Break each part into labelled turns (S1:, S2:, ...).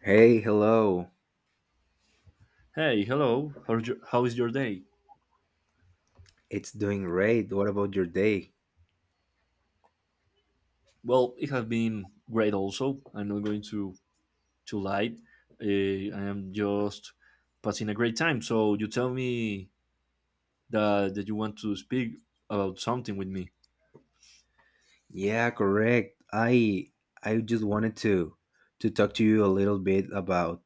S1: Hey, hello.
S2: Hey, hello. How's your day?
S1: It's doing great. What about your day?
S2: Well, it has been great also. I'm not going to lie. I am just passing a great time. So you tell me that you want to speak about something with me.
S1: Yeah, correct. I just wanted to talk to you a little bit about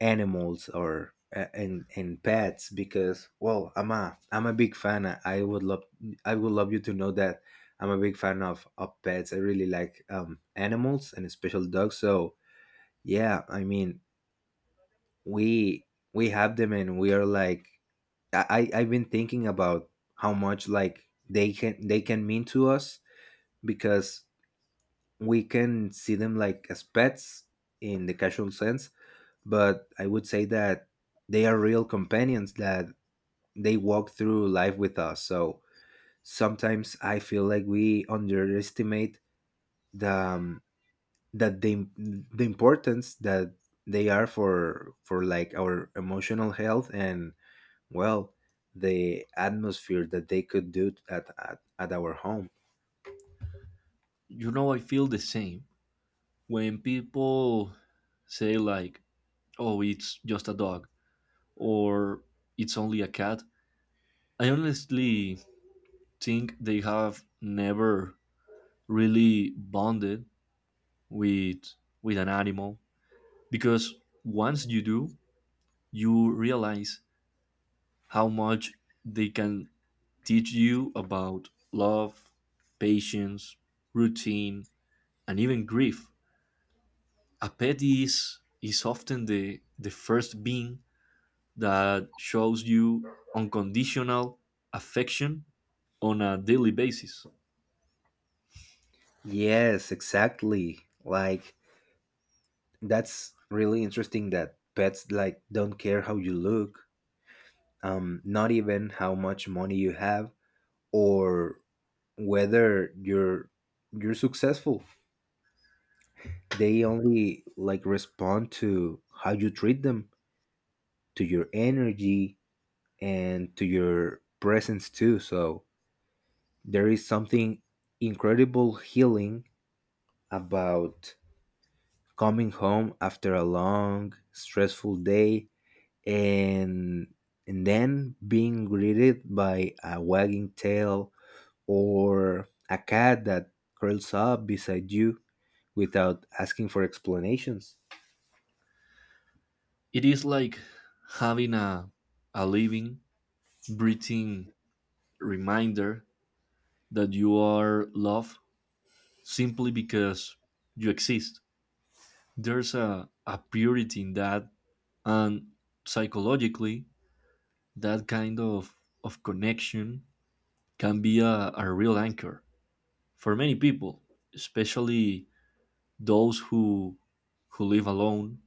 S1: animals or and pets, because, well, I'm a big fan. I would love you to know that I'm a big fan of pets. I really like animals, and especially dogs. So, yeah, I mean, we we have them, and we are like, I've been thinking about how much, like, they can mean to us, because we can see them like as pets in the casual sense, but I would say that they are real companions that they walk through life with us. So sometimes I feel like we underestimate the um, that the the importance that they are for like our emotional health, and, well, the atmosphere that they could do at our home.
S2: You know, I feel the same when people say like, "Oh, it's just a dog," or "It's only a cat." I honestly think they have never really bonded with with an animal because once you do you realize how much they can teach you about love, patience, routine, and even grief. A pet is often the first being that shows you unconditional affection on a daily basis.
S1: Yes, exactly. Like, that's really interesting that pets, like, don't care how you look, not even how much money you have, or whether you're successful. They only, like, respond to how you treat them, to your energy, and to your presence too. So there is something incredible healing about coming home after a long, stressful day, and and then being greeted by a wagging tail, or a cat that curls up beside you without asking for explanations.
S2: It is like having a living, breathing reminder that you are loved simply because you exist. There's a purity in that, and psychologically, that kind of connection can be a real anchor for many people, especially those who live alone.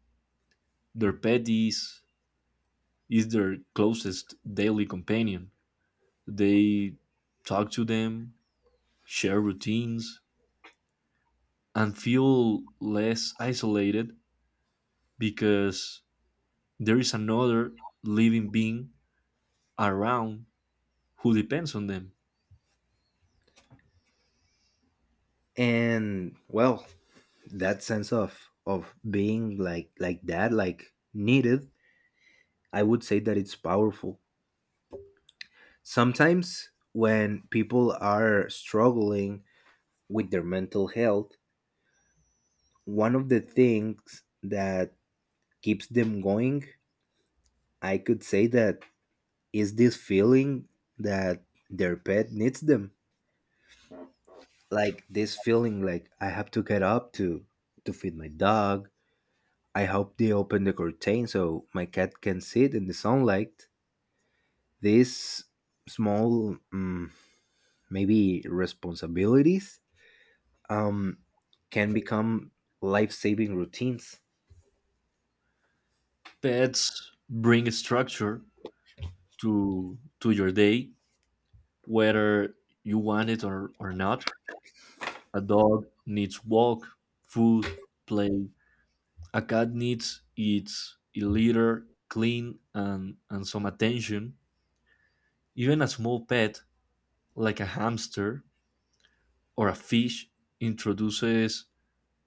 S2: Their pet is their closest daily companion. They talk to them, share routines, and feel less isolated because there is another living being around who depends on them.
S1: And, well, that sense of being like that, like, needed, I would say that it's powerful. Sometimes when people are struggling with their mental health, one of the things that keeps them going, I could say, that is this feeling that their pet needs them. Like this feeling, like, I have to get up to feed my dog. I hope they open the curtain so my cat can sit in the sunlight. These small maybe responsibilities um can become life-saving routines.
S2: Pets bring structure to your day, whether you want it or not. A dog needs walk, food, play. A cat needs its litter, clean and some attention. Even a small pet like a hamster or a fish introduces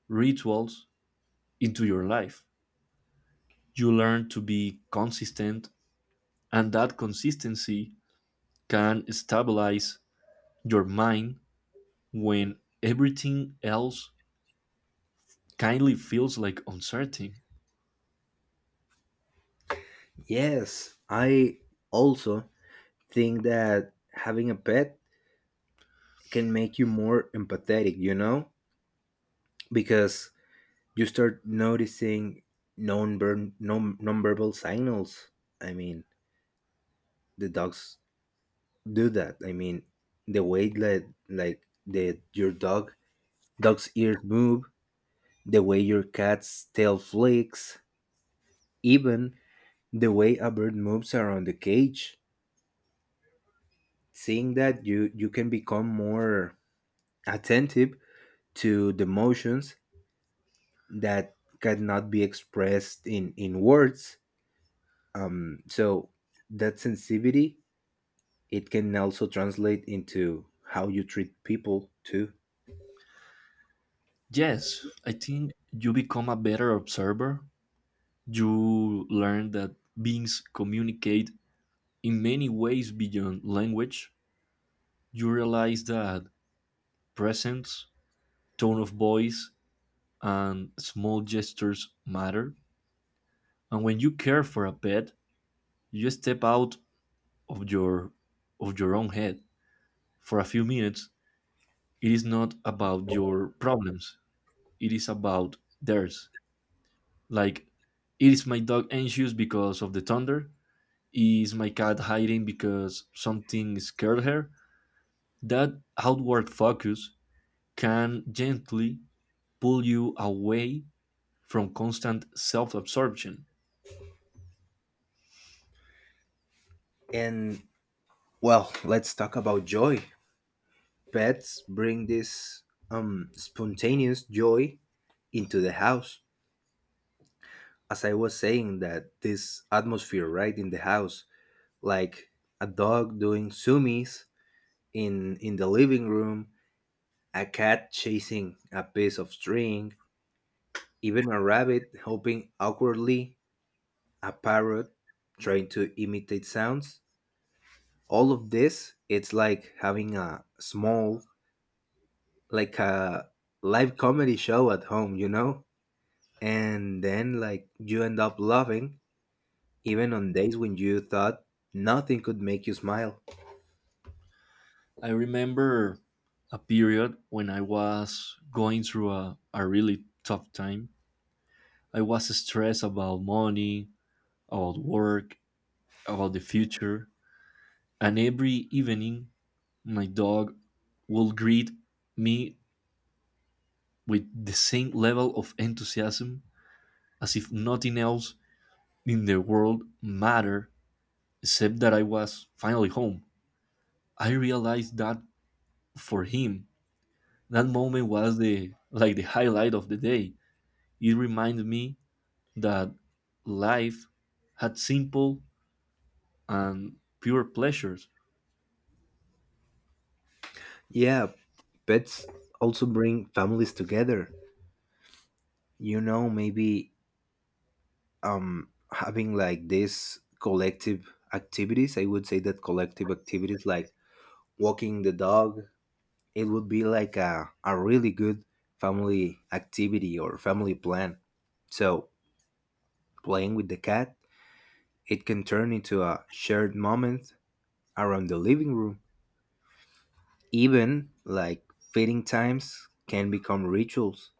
S2: rituals into your life. You learn to be consistent. And that consistency can stabilize your mind when everything else kindly feels like uncertain.
S1: Yes, I also think that having a pet can make you more empathetic, because you start noticing non verbal signals. I mean, the dogs do that. I mean, the way that, like, the your dog's ears move, the way your cat's tail flicks, even the way a bird moves around the cage. Seeing that, you can become more attentive to the motions that cannot be expressed in words, so that sensitivity, it can also translate into how you treat people too.
S2: Yes, I think you become a better observer. You learn that beings communicate in many ways beyond language. You realize that presence, tone of voice, and small gestures matter. And when you care for a pet, you step out of your of your own head for a few minutes. It is not about your problems. It is about theirs. Like, is my dog anxious because of the thunder? Is my cat hiding because something scared her? That outward focus can gently pull you away from constant self absorption.
S1: And, well, let's talk about joy. Pets bring this spontaneous joy into the house, as I was saying, that this atmosphere, right, in the house, like a dog doing zoomies in the living room, a cat chasing a piece of string. Even a rabbit hopping awkwardly, a parrot trying to imitate sounds. All of this, it's like having a small, like a live comedy show at home, you know? And then, like, you end up laughing, even on days when you thought nothing could make you smile.
S2: I remember a period when I was going through a really tough time. I was stressed about money, about work, about the future, and every evening my dog will greet me with the same level of enthusiasm as if nothing else in the world mattered except that I was finally home. I realized that for him, that moment was the like the highlight of the day. It reminded me that life had simple and pure pleasures.
S1: Yeah, pets also bring families together. You know, maybe having, like, this collective activities, I would say that collective activities like walking the dog. It would be like a really good family activity or family plan. So, playing with the cat, it can turn into a shared moment around the living room. Even like feeding times can become rituals.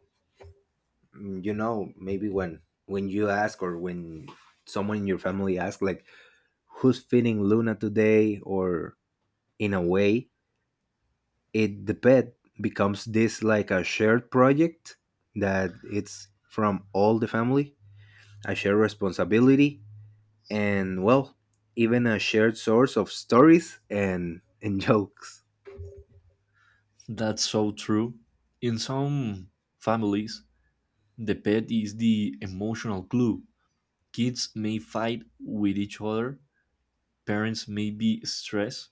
S1: Maybe when you ask, or when someone in your family asks, like, who's feeding Luna today? Or, in a way, it the pet becomes this, like, a shared project that it's from all the family, a shared responsibility, and, well, even a shared source of stories and jokes.
S2: That's so true. In some families, the pet is the emotional glue. Kids may fight with each other, parents may be stressed,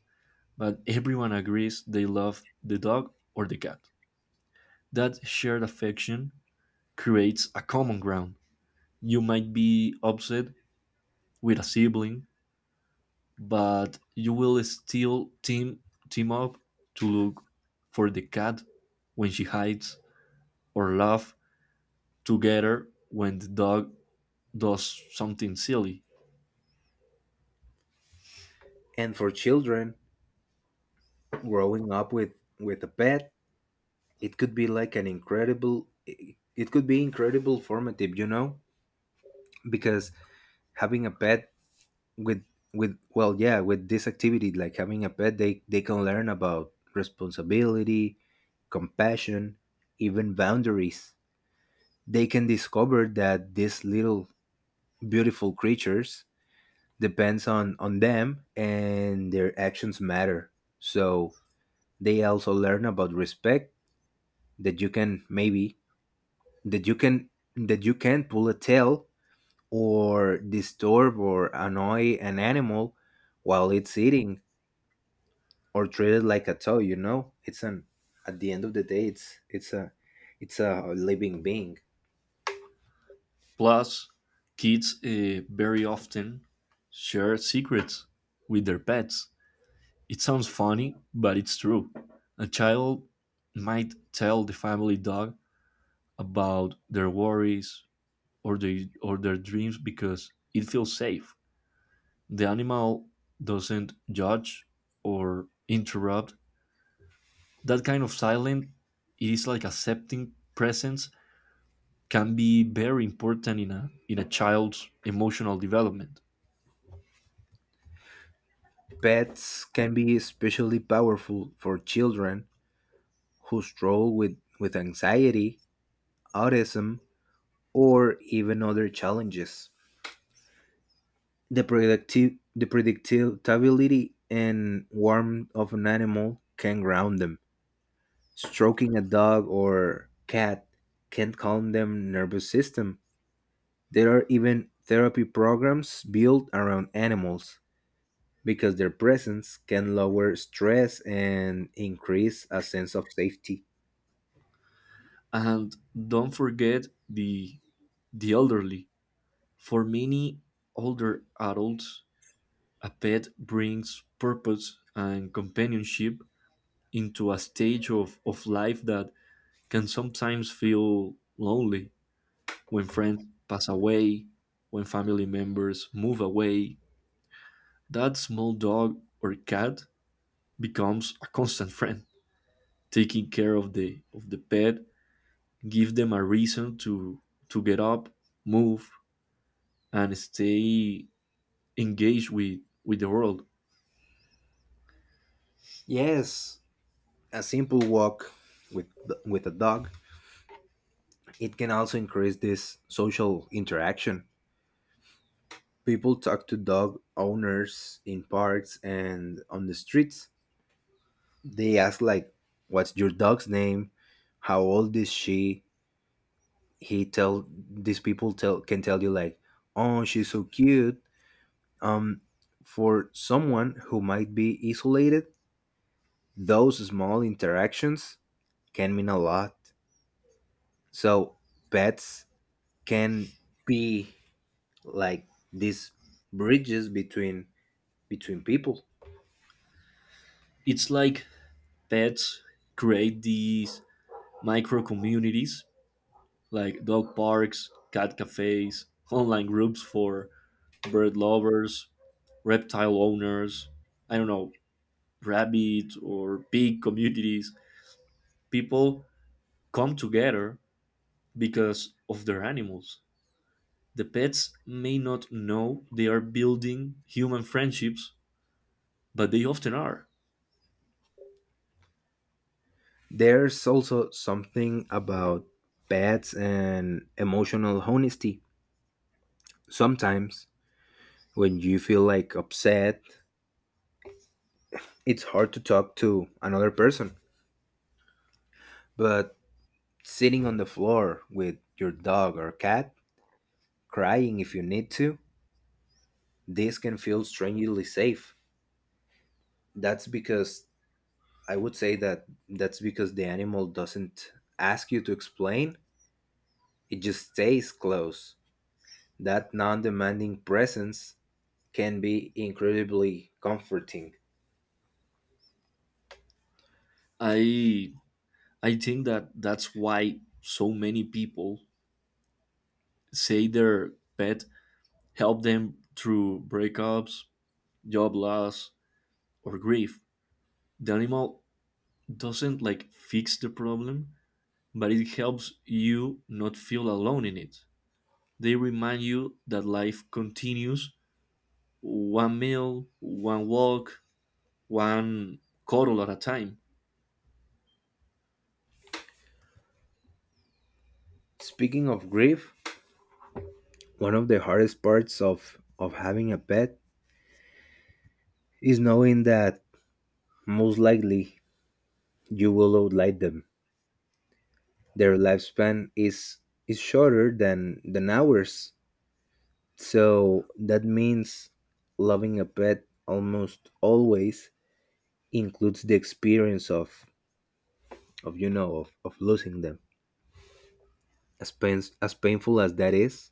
S2: but everyone agrees they love the dog or the cat. That shared affection creates a common ground. You might be upset with a sibling, but you will still team up to look for the cat when she hides or laugh together when the dog does something silly.
S1: And for children growing up with a pet, it could be incredible formative, because having a pet with with, well, yeah, with this activity, like having a pet, they can learn about responsibility, compassion, even boundaries. They can discover that these little beautiful creatures depends on them, and their actions matter. So they also learn about respect, that you can, maybe, that you can that you can pull a tail, or disturb or annoy an animal while it's eating, or treat it like a toy, you know, it's an at the end of the day, it's a living being.
S2: Plus, kids very often share secrets with their pets. It sounds funny, but it's true. A child might tell the family dog about their worries or their dreams because it feels safe. The animal doesn't judge or interrupt. That kind of silence, it is like accepting presence, can be very important in a child's emotional development.
S1: Pets can be especially powerful for children who struggle with anxiety, autism, or even other challenges. The predictability and warmth of an animal can ground them. Stroking a dog or cat can calm them nervous system. There are even therapy programs built around animals because their presence can lower stress and increase a sense of safety.
S2: And don't forget the elderly. For many older adults, a pet brings purpose and companionship into a stage of life that can sometimes feel lonely when friends pass away, when family members move away. That small dog or cat becomes a constant friend. Taking care of the pet gives them a reason to get up, move, and stay engaged with the world.
S1: Yes, a simple walk with with a dog, it can also increase this social interaction. People talk to dog owners in parks and on the streets. They ask, like, what's your dog's name? How old is she? He tell these people tell can tell you, like, oh, she's so cute. Um for someone who might be isolated, those small interactions can mean a lot. So pets can be like these bridges between people.
S2: It's like pets create these micro communities like dog parks, cat cafes, online groups for bird lovers, reptile owners, I don't know, rabbit or pig communities. People come together because of their animals. The pets may not know they are building human friendships, but they often are.
S1: There's also something about pets and emotional honesty. Sometimes when you feel, like, upset, it's hard to talk to another person. But sitting on the floor with your dog or cat, crying if you need to, this can feel strangely safe. That's because, I would say that, that's because the animal doesn't ask you to explain, it just stays close. That non demanding presence can be incredibly comforting.
S2: I I think that that's why so many people say their pet helped them through breakups, job loss, or grief. The animal doesn't like fix the problem, but it helps you not feel alone in it. They remind you that life continues: one meal, one walk, one cuddle at a time.
S1: Speaking of grief, one of the hardest parts of having a pet is knowing that, most likely, you will outlive them. Their lifespan is shorter than ours. So that means loving a pet almost always includes the experience of you know of losing them. As painful as that is,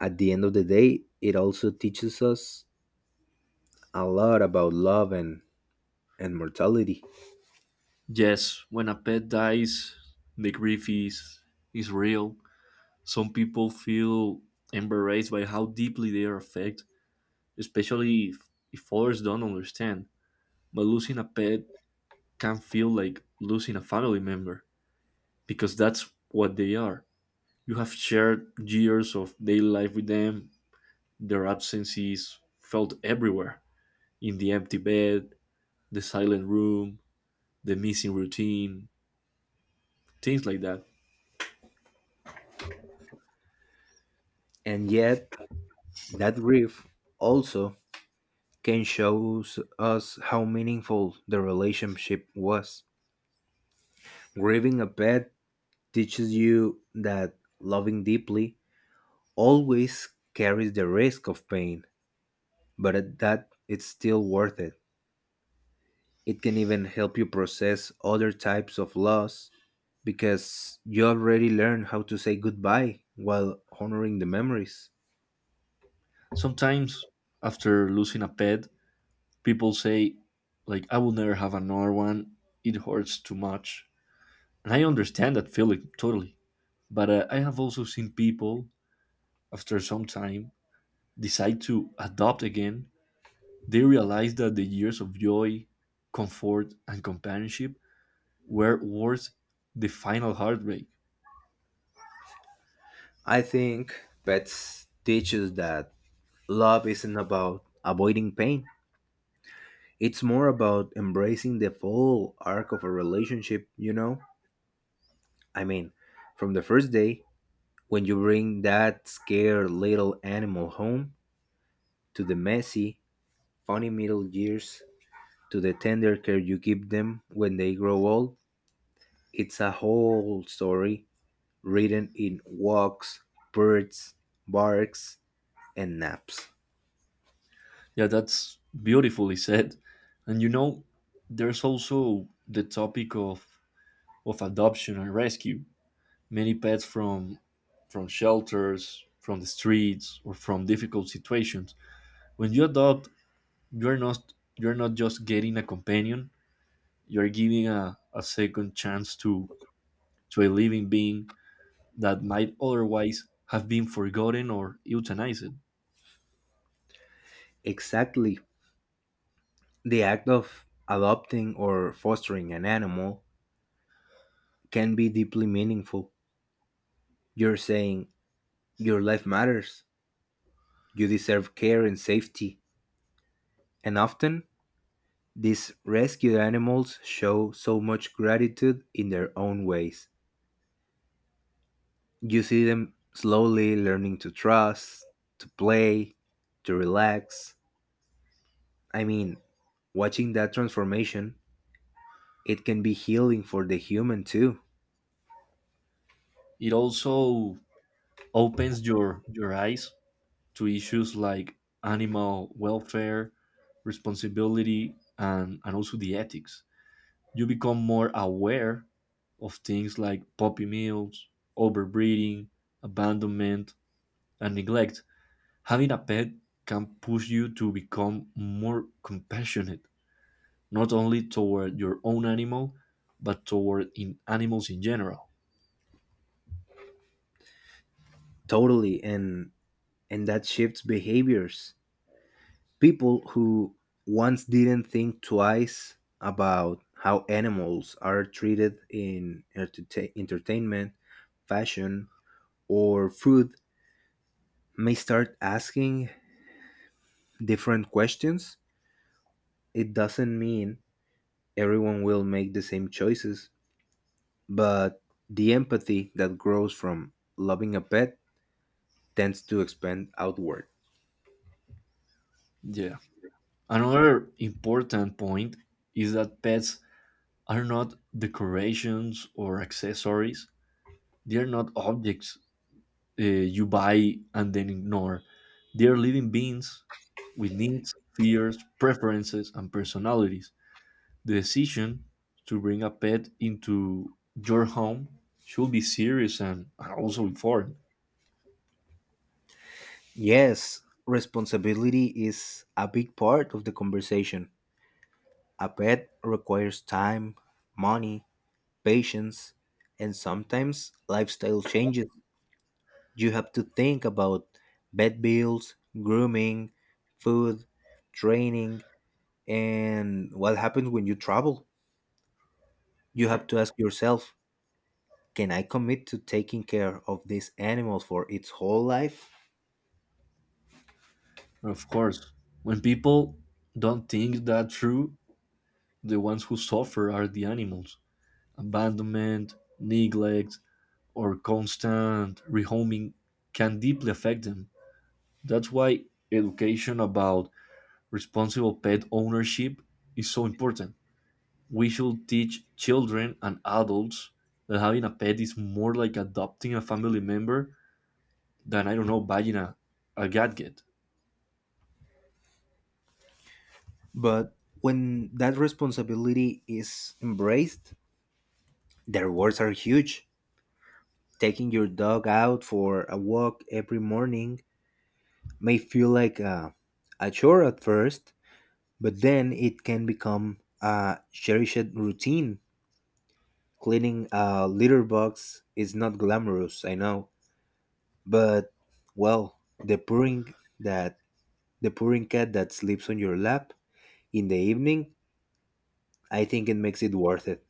S1: at the end of the day, it also teaches us a lot about love and mortality.
S2: Yes, when a pet dies, the grief is real. Some people feel embarrassed by how deeply they are affected, especially if others don't understand. But losing a pet can feel like losing a family member because that's what they are. You have shared years of daily life with them, their absence is felt everywhere: in the empty bed, the silent room, the missing routine, things like that.
S1: And yet, that grief also can show us how meaningful the relationship was. Grieving a pet teaches you that loving deeply always carries the risk of pain, but at that it's still worth it. It can even help you process other types of loss because you already learned how to say goodbye while honoring the memories.
S2: Sometimes, after losing a pet, people say like, "I will never have another one, it hurts too much," and I understand that feeling totally. But I have also seen people, after some time, decide to adopt again. They realize that the years of joy, comfort, and companionship were worth the final heartbreak.
S1: I think pets teaches that love isn't about avoiding pain. It's more about embracing the full arc of a relationship, you know? I mean, from the first day, when you bring that scared little animal home, to the messy, funny middle years, to the tender care you give them when they grow old, it's a whole story written in walks, birds, barks, and naps.
S2: Yeah, that's beautifully said. And you know, there's also the topic of adoption and rescue. Many pets from shelters, from the streets, or from difficult situations. When you adopt, you're not just getting a companion, you're giving a second chance to a living being that might otherwise have been forgotten or euthanized.
S1: Exactly. The act of adopting or fostering an animal can be deeply meaningful. You're saying your life matters, you deserve care and safety, and often, these rescued animals show so much gratitude in their own ways. You see them slowly learning to trust, to play, to relax. I mean, watching that transformation, it can be healing for the human too.
S2: It also opens your eyes to issues like animal welfare, responsibility, and also the ethics. You become more aware of things like puppy mills, overbreeding, abandonment, and neglect. Having a pet can push you to become more compassionate, not only toward your own animal, but toward in animals in general.
S1: Totally, and that shifts behaviors. People who once didn't think twice about how animals are treated in entertainment, fashion, or food may start asking different questions. It doesn't mean everyone will make the same choices, but the empathy that grows from loving a pet tends to expand outward.
S2: Yeah. Another important point is that pets are not decorations or accessories. They are not objects you buy and then ignore. They are living beings with needs, fears, preferences, and personalities. The decision to bring a pet into your home should be serious and also informed.
S1: Yes, responsibility is a big part of the conversation. A pet requires time, money, patience, and sometimes lifestyle changes. You have to think about vet bills, grooming, food, training, and what happens when you travel? You have to ask yourself, can I commit to taking care of this animal for its whole life?
S2: Of course, when people don't think that through, the ones who suffer are the animals. Abandonment, neglect, or constant rehoming can deeply affect them. That's why education about responsible pet ownership is so important. We should teach children and adults that having a pet is more like adopting a family member than, I don't know, buying a gadget.
S1: But when that responsibility is embraced, the rewards are huge. Taking your dog out for a walk every morning may feel like a chore at first, but then it can become a cherished routine. Cleaning a litter box is not glamorous, I know, but, well, that the purring cat that sleeps on your lap in the evening, I think it makes it worth it.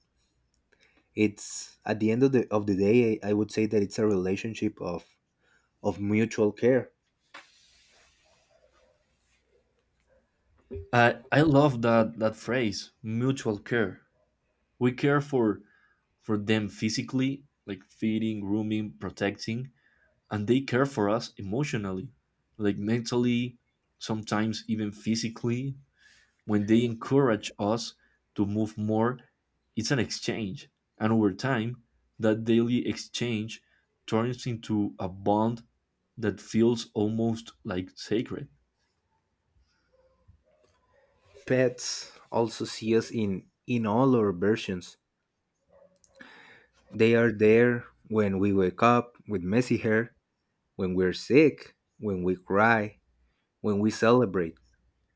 S1: It's at the end of the day, I would say that it's a relationship of mutual care.
S2: I love that phrase, mutual care. We care for them physically, like feeding, grooming, protecting, and they care for us emotionally, like mentally, sometimes even physically when they encourage us to move more. It's an exchange. And over time, that daily exchange turns into a bond that feels almost like sacred.
S1: Pets also see us in all our versions. They are there when we wake up with messy hair, when we're sick, when we cry, when we celebrate,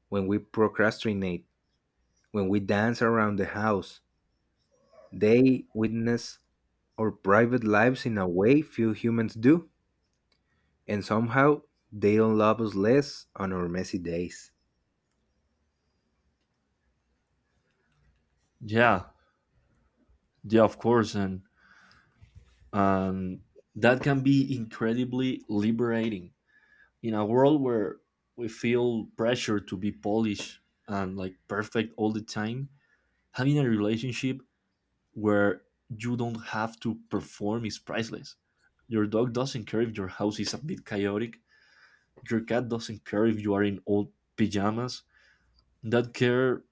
S1: when we procrastinate, when we dance around the house. They witness our private lives in a way few humans do, and somehow they don't love us less on our messy days.
S2: Yeah, yeah, of course. And that can be incredibly liberating in a world where we feel pressure to be polished and like perfect all the time. Having a relationship where you don't have to perform is priceless. Your dog doesn't care if your house is a bit chaotic. Your cat doesn't care if you are in old pajamas. That care,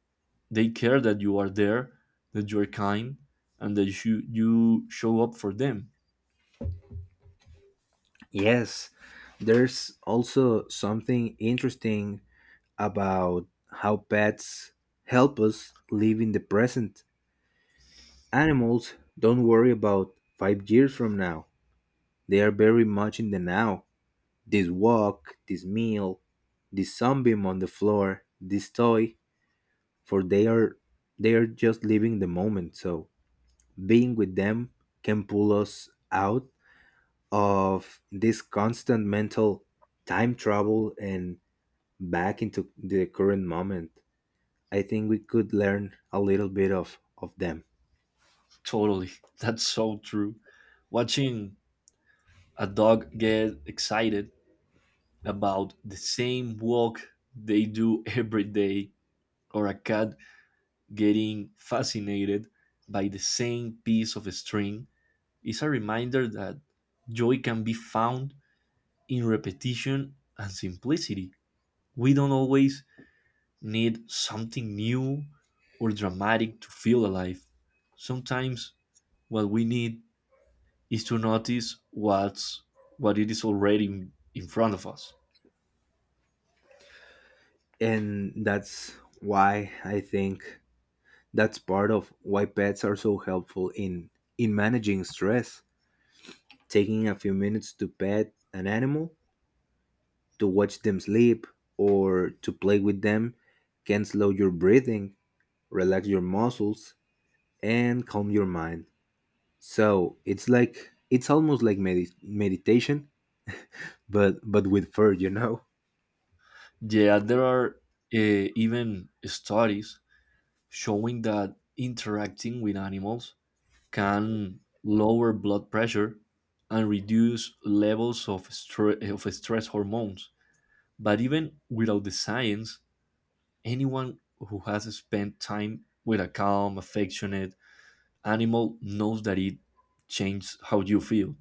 S2: they care that you are there, that you are kind, and that you show up for them.
S1: Yes, there's also something interesting about how pets help us live in the present. Animals don't worry about 5 years from now, they are very much in the now. This walk, this meal, this sunbeam on the floor, this toy, for they are just living the moment, so being with them can pull us out of this constant mental time travel and back into the current moment. I think we could learn a little bit of them.
S2: Totally, that's so true. Watching a dog get excited about the same walk they do every day, or a cat getting fascinated by the same piece of string is a reminder that joy can be found in repetition and simplicity. We don't always need something new or dramatic to feel alive. Sometimes what we need is to notice what's what it is already in front of us.
S1: And that's why I think that's part of why pets are so helpful in managing stress. Taking a few minutes to pet an animal, to watch them sleep, or to play with them can slow your breathing, relax your muscles, and calm your mind. So it's like, it's almost like meditation, but with fur, you know.
S2: Yeah, there are even studies showing that interacting with animals can lower blood pressure and reduce levels of stress hormones. But even without the science, anyone who has spent time with a calm, affectionate animal knows that it changes how you feel.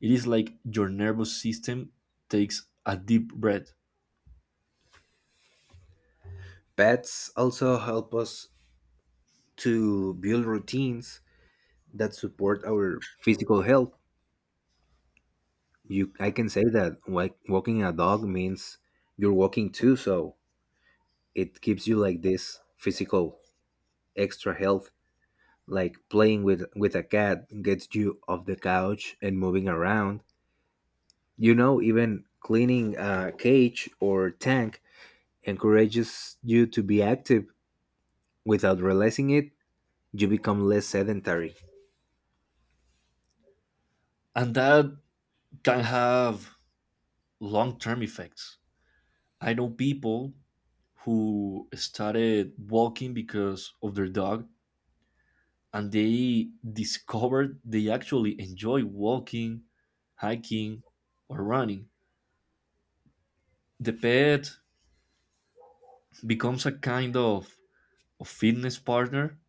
S2: It is like your nervous system takes a deep breath,
S1: Pets also help us to build routines that support our physical health. You, I can say that, like, walking a dog means you're walking too, so it gives you like this physical extra health. Like playing with a cat gets you off the couch and moving around. You know, even cleaning a cage or tank encourages you to be active. Without realizing it, you become less sedentary.
S2: and that can have long term effects. I know people who started walking because of their dog and they discovered they actually enjoy walking, hiking, or running. The pet becomes a kind of fitness partner.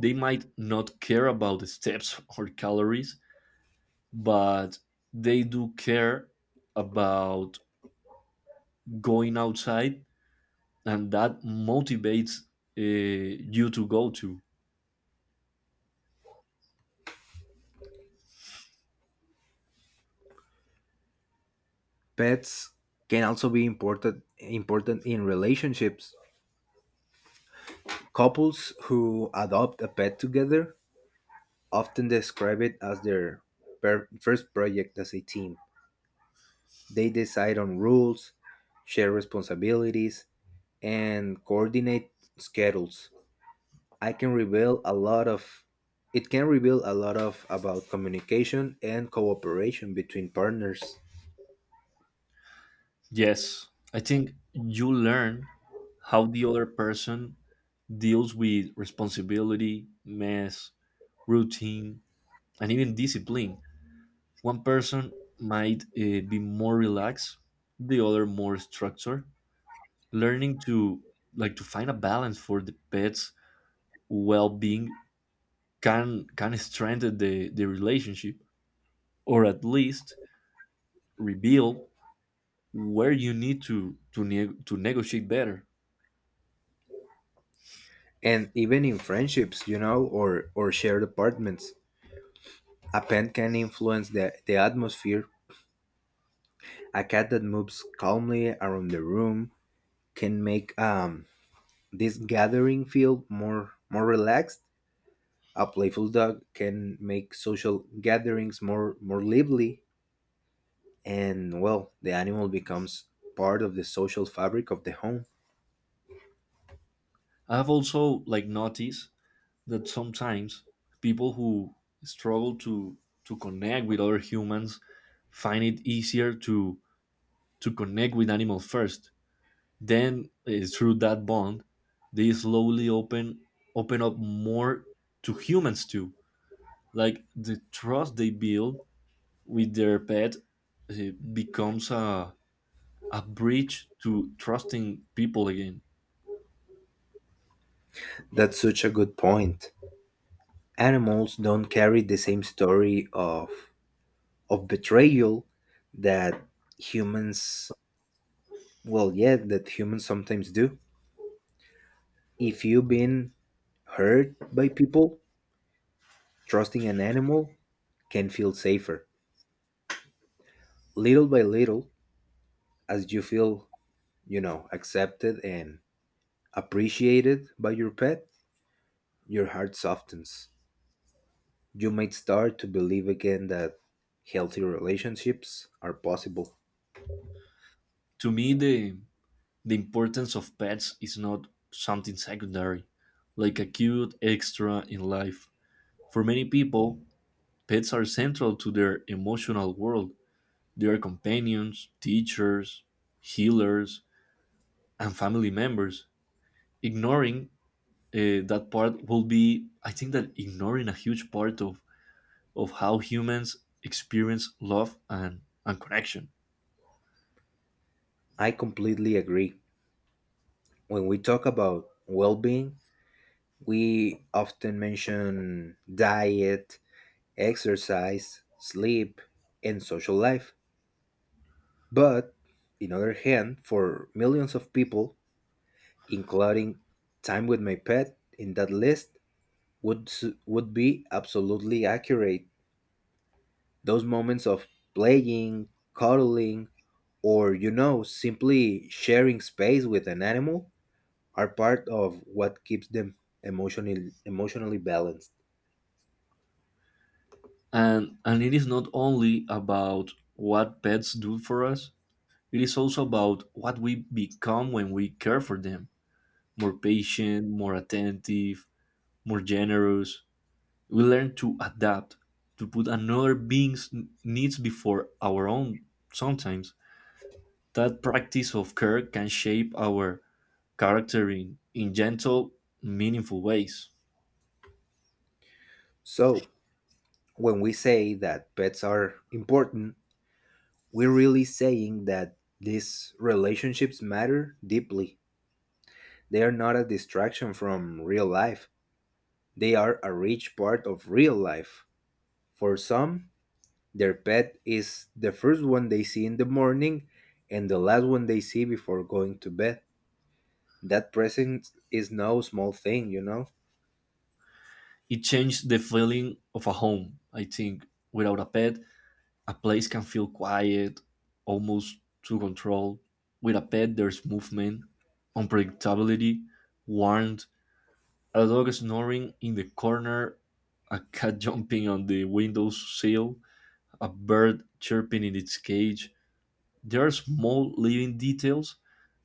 S2: They might not care about the steps or calories, but they do care about going outside, and that motivates uh, you to go to.
S1: Pets can also be important in relationships. Couples who adopt a pet together often describe it as their first project as a team. They decide on rules, share responsibilities, and coordinate schedules. I can reveal a lot of It can reveal a lot of about communication and cooperation between partners.
S2: Yes, I think you learn how the other person deals with responsibility, mess, routine, and even discipline. One person might be more relaxed, the other more structured. Learning to like to find a balance for the pet's well-being can strengthen the relationship or at least reveal where you need to negotiate better.
S1: And even in friendships, you know, or shared apartments. A pen can influence the atmosphere. A cat that moves calmly around the room can make this gathering feel more relaxed. A playful dog can make social gatherings more lively, and, well, the animal becomes part of the social fabric of the home.
S2: I've also like noticed that sometimes people who struggle to connect with other humans find it easier to connect with animals first. Then through that bond, they slowly open up more to humans too. Like the trust they build with their pet becomes a bridge to trusting people again.
S1: That's such a good point. Animals don't carry the same story of betrayal that humans, well, yeah, that humans sometimes do. If you've been hurt by people, trusting an animal can feel safer. Little by little, as you feel, you know, accepted and appreciated by your pet, your heart softens. You might start to believe again that healthy relationships are possible.
S2: To me, the importance of pets is not something secondary, like a cute extra in life. For many people, pets are central to their emotional world. They are companions, teachers, healers, and family members. Ignoring that part will be, I think, that ignoring a huge part of how humans experience love and connection.
S1: I completely agree. When we talk about well being, we often mention diet, exercise, sleep, and social life. But, on the other hand, for millions of people, including time with my pet in that list, would, would be absolutely accurate. Those moments of playing, cuddling, or, you know, simply sharing space with an animal are part of what keeps them emotionally balanced.
S2: And it is not only about what pets do for us, it is also about what we become when we care for them: more patient, more attentive, more generous. We learn to adapt, to put another being's n- needs before our own sometimes. That practice of care can shape our character in gentle, meaningful ways.
S1: So, when we say that pets are important, we're really saying that these relationships matter deeply. They are not a distraction from real life. They are a rich part of real life. For some, their pet is the first one they see in the morning and the last one they see before going to bed. That presence is no small thing, you know?
S2: It changes the feeling of a home, I think. Without a pet, a place can feel quiet, almost to control. With a pet, there's movement, unpredictability, warmth, a dog snoring in the corner, a cat jumping on the windowsill, a bird chirping in its cage. There are small living details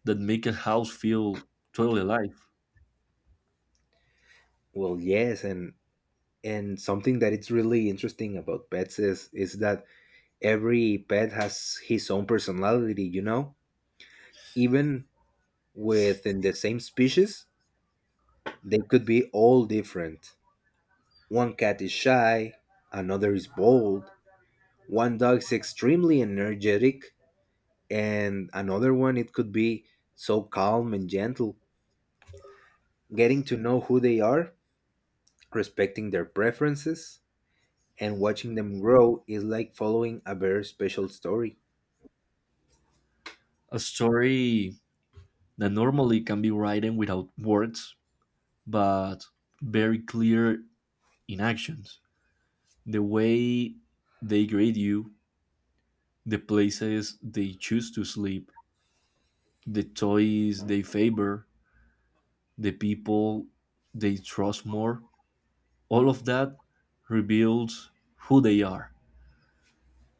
S2: that make a house feel totally alive.
S1: Well, yes, and something that it's really interesting about pets is that every pet has his own personality, you know? Even within the same species, they could be all different. One cat is shy, another is bold, one dog is extremely energetic, and another one it could be so calm and gentle. Getting to know who they are, respecting their preferences, and watching them grow is like following a very special story.
S2: A story that normally can be written without words, but very clear in actions. The way they grade you, the places they choose to sleep, the toys they favor, the people they trust more, all of that reveals who they are.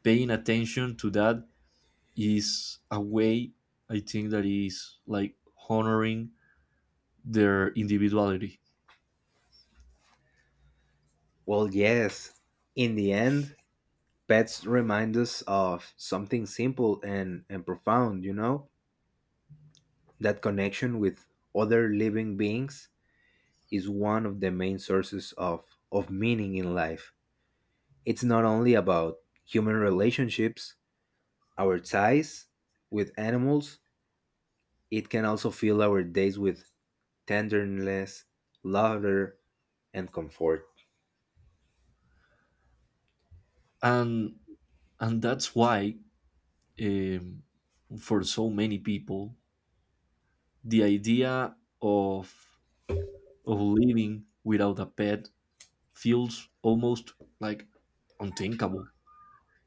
S2: Paying attention to that is a way, I think, that is like honoring their individuality.
S1: Well, yes, in the end, pets remind us of something simple and, profound, you know, that connection with other living beings is one of the main sources of meaning in life. It's not only about human relationships. Our ties with animals, it can also fill our days with tenderness, laughter, and comfort.
S2: And and that's why um, for so many people the idea of of living without a pet feels almost like unthinkable.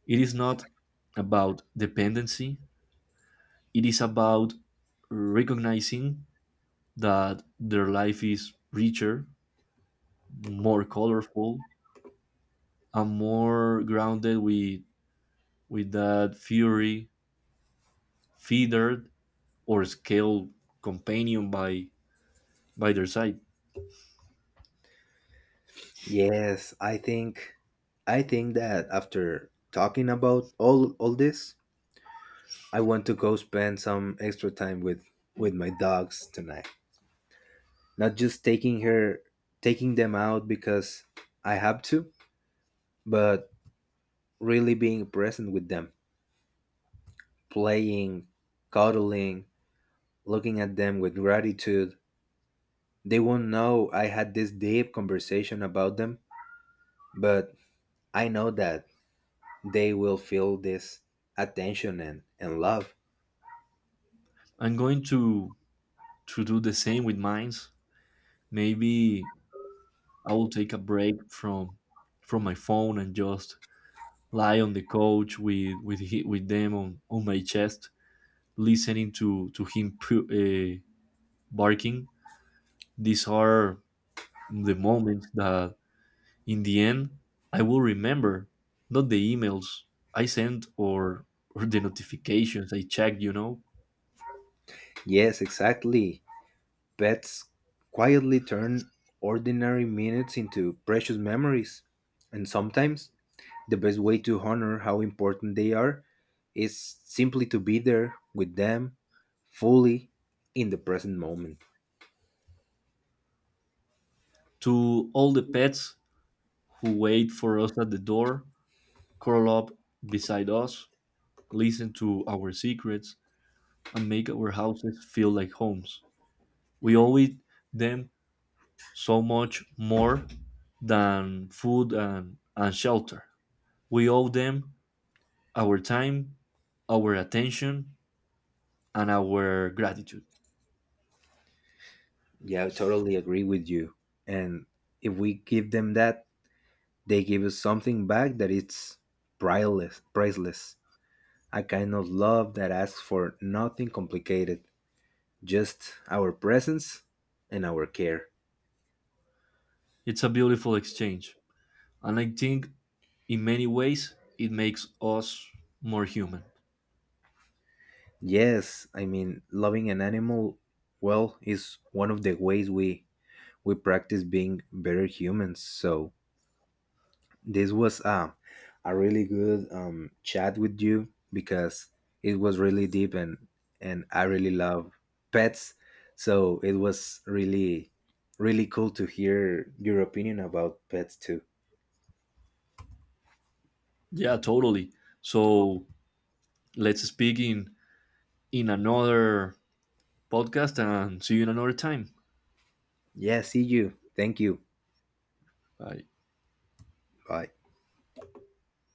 S2: It is not about dependency, it is about recognizing that their life is richer, more colorful, and more grounded with that fury, feathered, or scaled companion by their side.
S1: Yes, I think, that after talking about all this, I want to go spend some extra time with my dogs tonight. Not just taking them out because I have to, but really being present with them, playing, cuddling, looking at them with gratitude. They won't know I had this deep conversation about them, but I know that they will feel this attention and, love.
S2: I'm going to do the same with mines. Maybe I will take a break from my phone and just lie on the couch with them on my chest, listening to him barking. These are the moments that, in the end, I will remember, not the emails I sent or the notifications I checked. You know,
S1: Yes, exactly. Pets quietly turn ordinary minutes into precious memories. And sometimes the best way to honor how important they are is simply to be there with them fully in the present moment.
S2: to all the pets who wait for us at the door, curl up beside us, listen to our secrets and make our houses feel like homes. We owe it them so much more than food and shelter. We owe them our time, our attention, and our gratitude.
S1: Yeah, I totally agree with you. And if we give them that, they give us something back that it's priceless. A kind of love that asks for nothing complicated, just our presence and our care.
S2: It's a beautiful exchange. And I think in many ways it makes us more human.
S1: Yes, I mean, loving an animal well is one of the ways we practice being better humans. So, this was a really good chat with you because it was really deep, and I really love pets. So it was really cool to hear your opinion about pets too.
S2: Yeah, totally. So let's speak in another podcast and see you in another time.
S1: Yeah, see you. Thank you.
S2: Bye.
S1: Bye.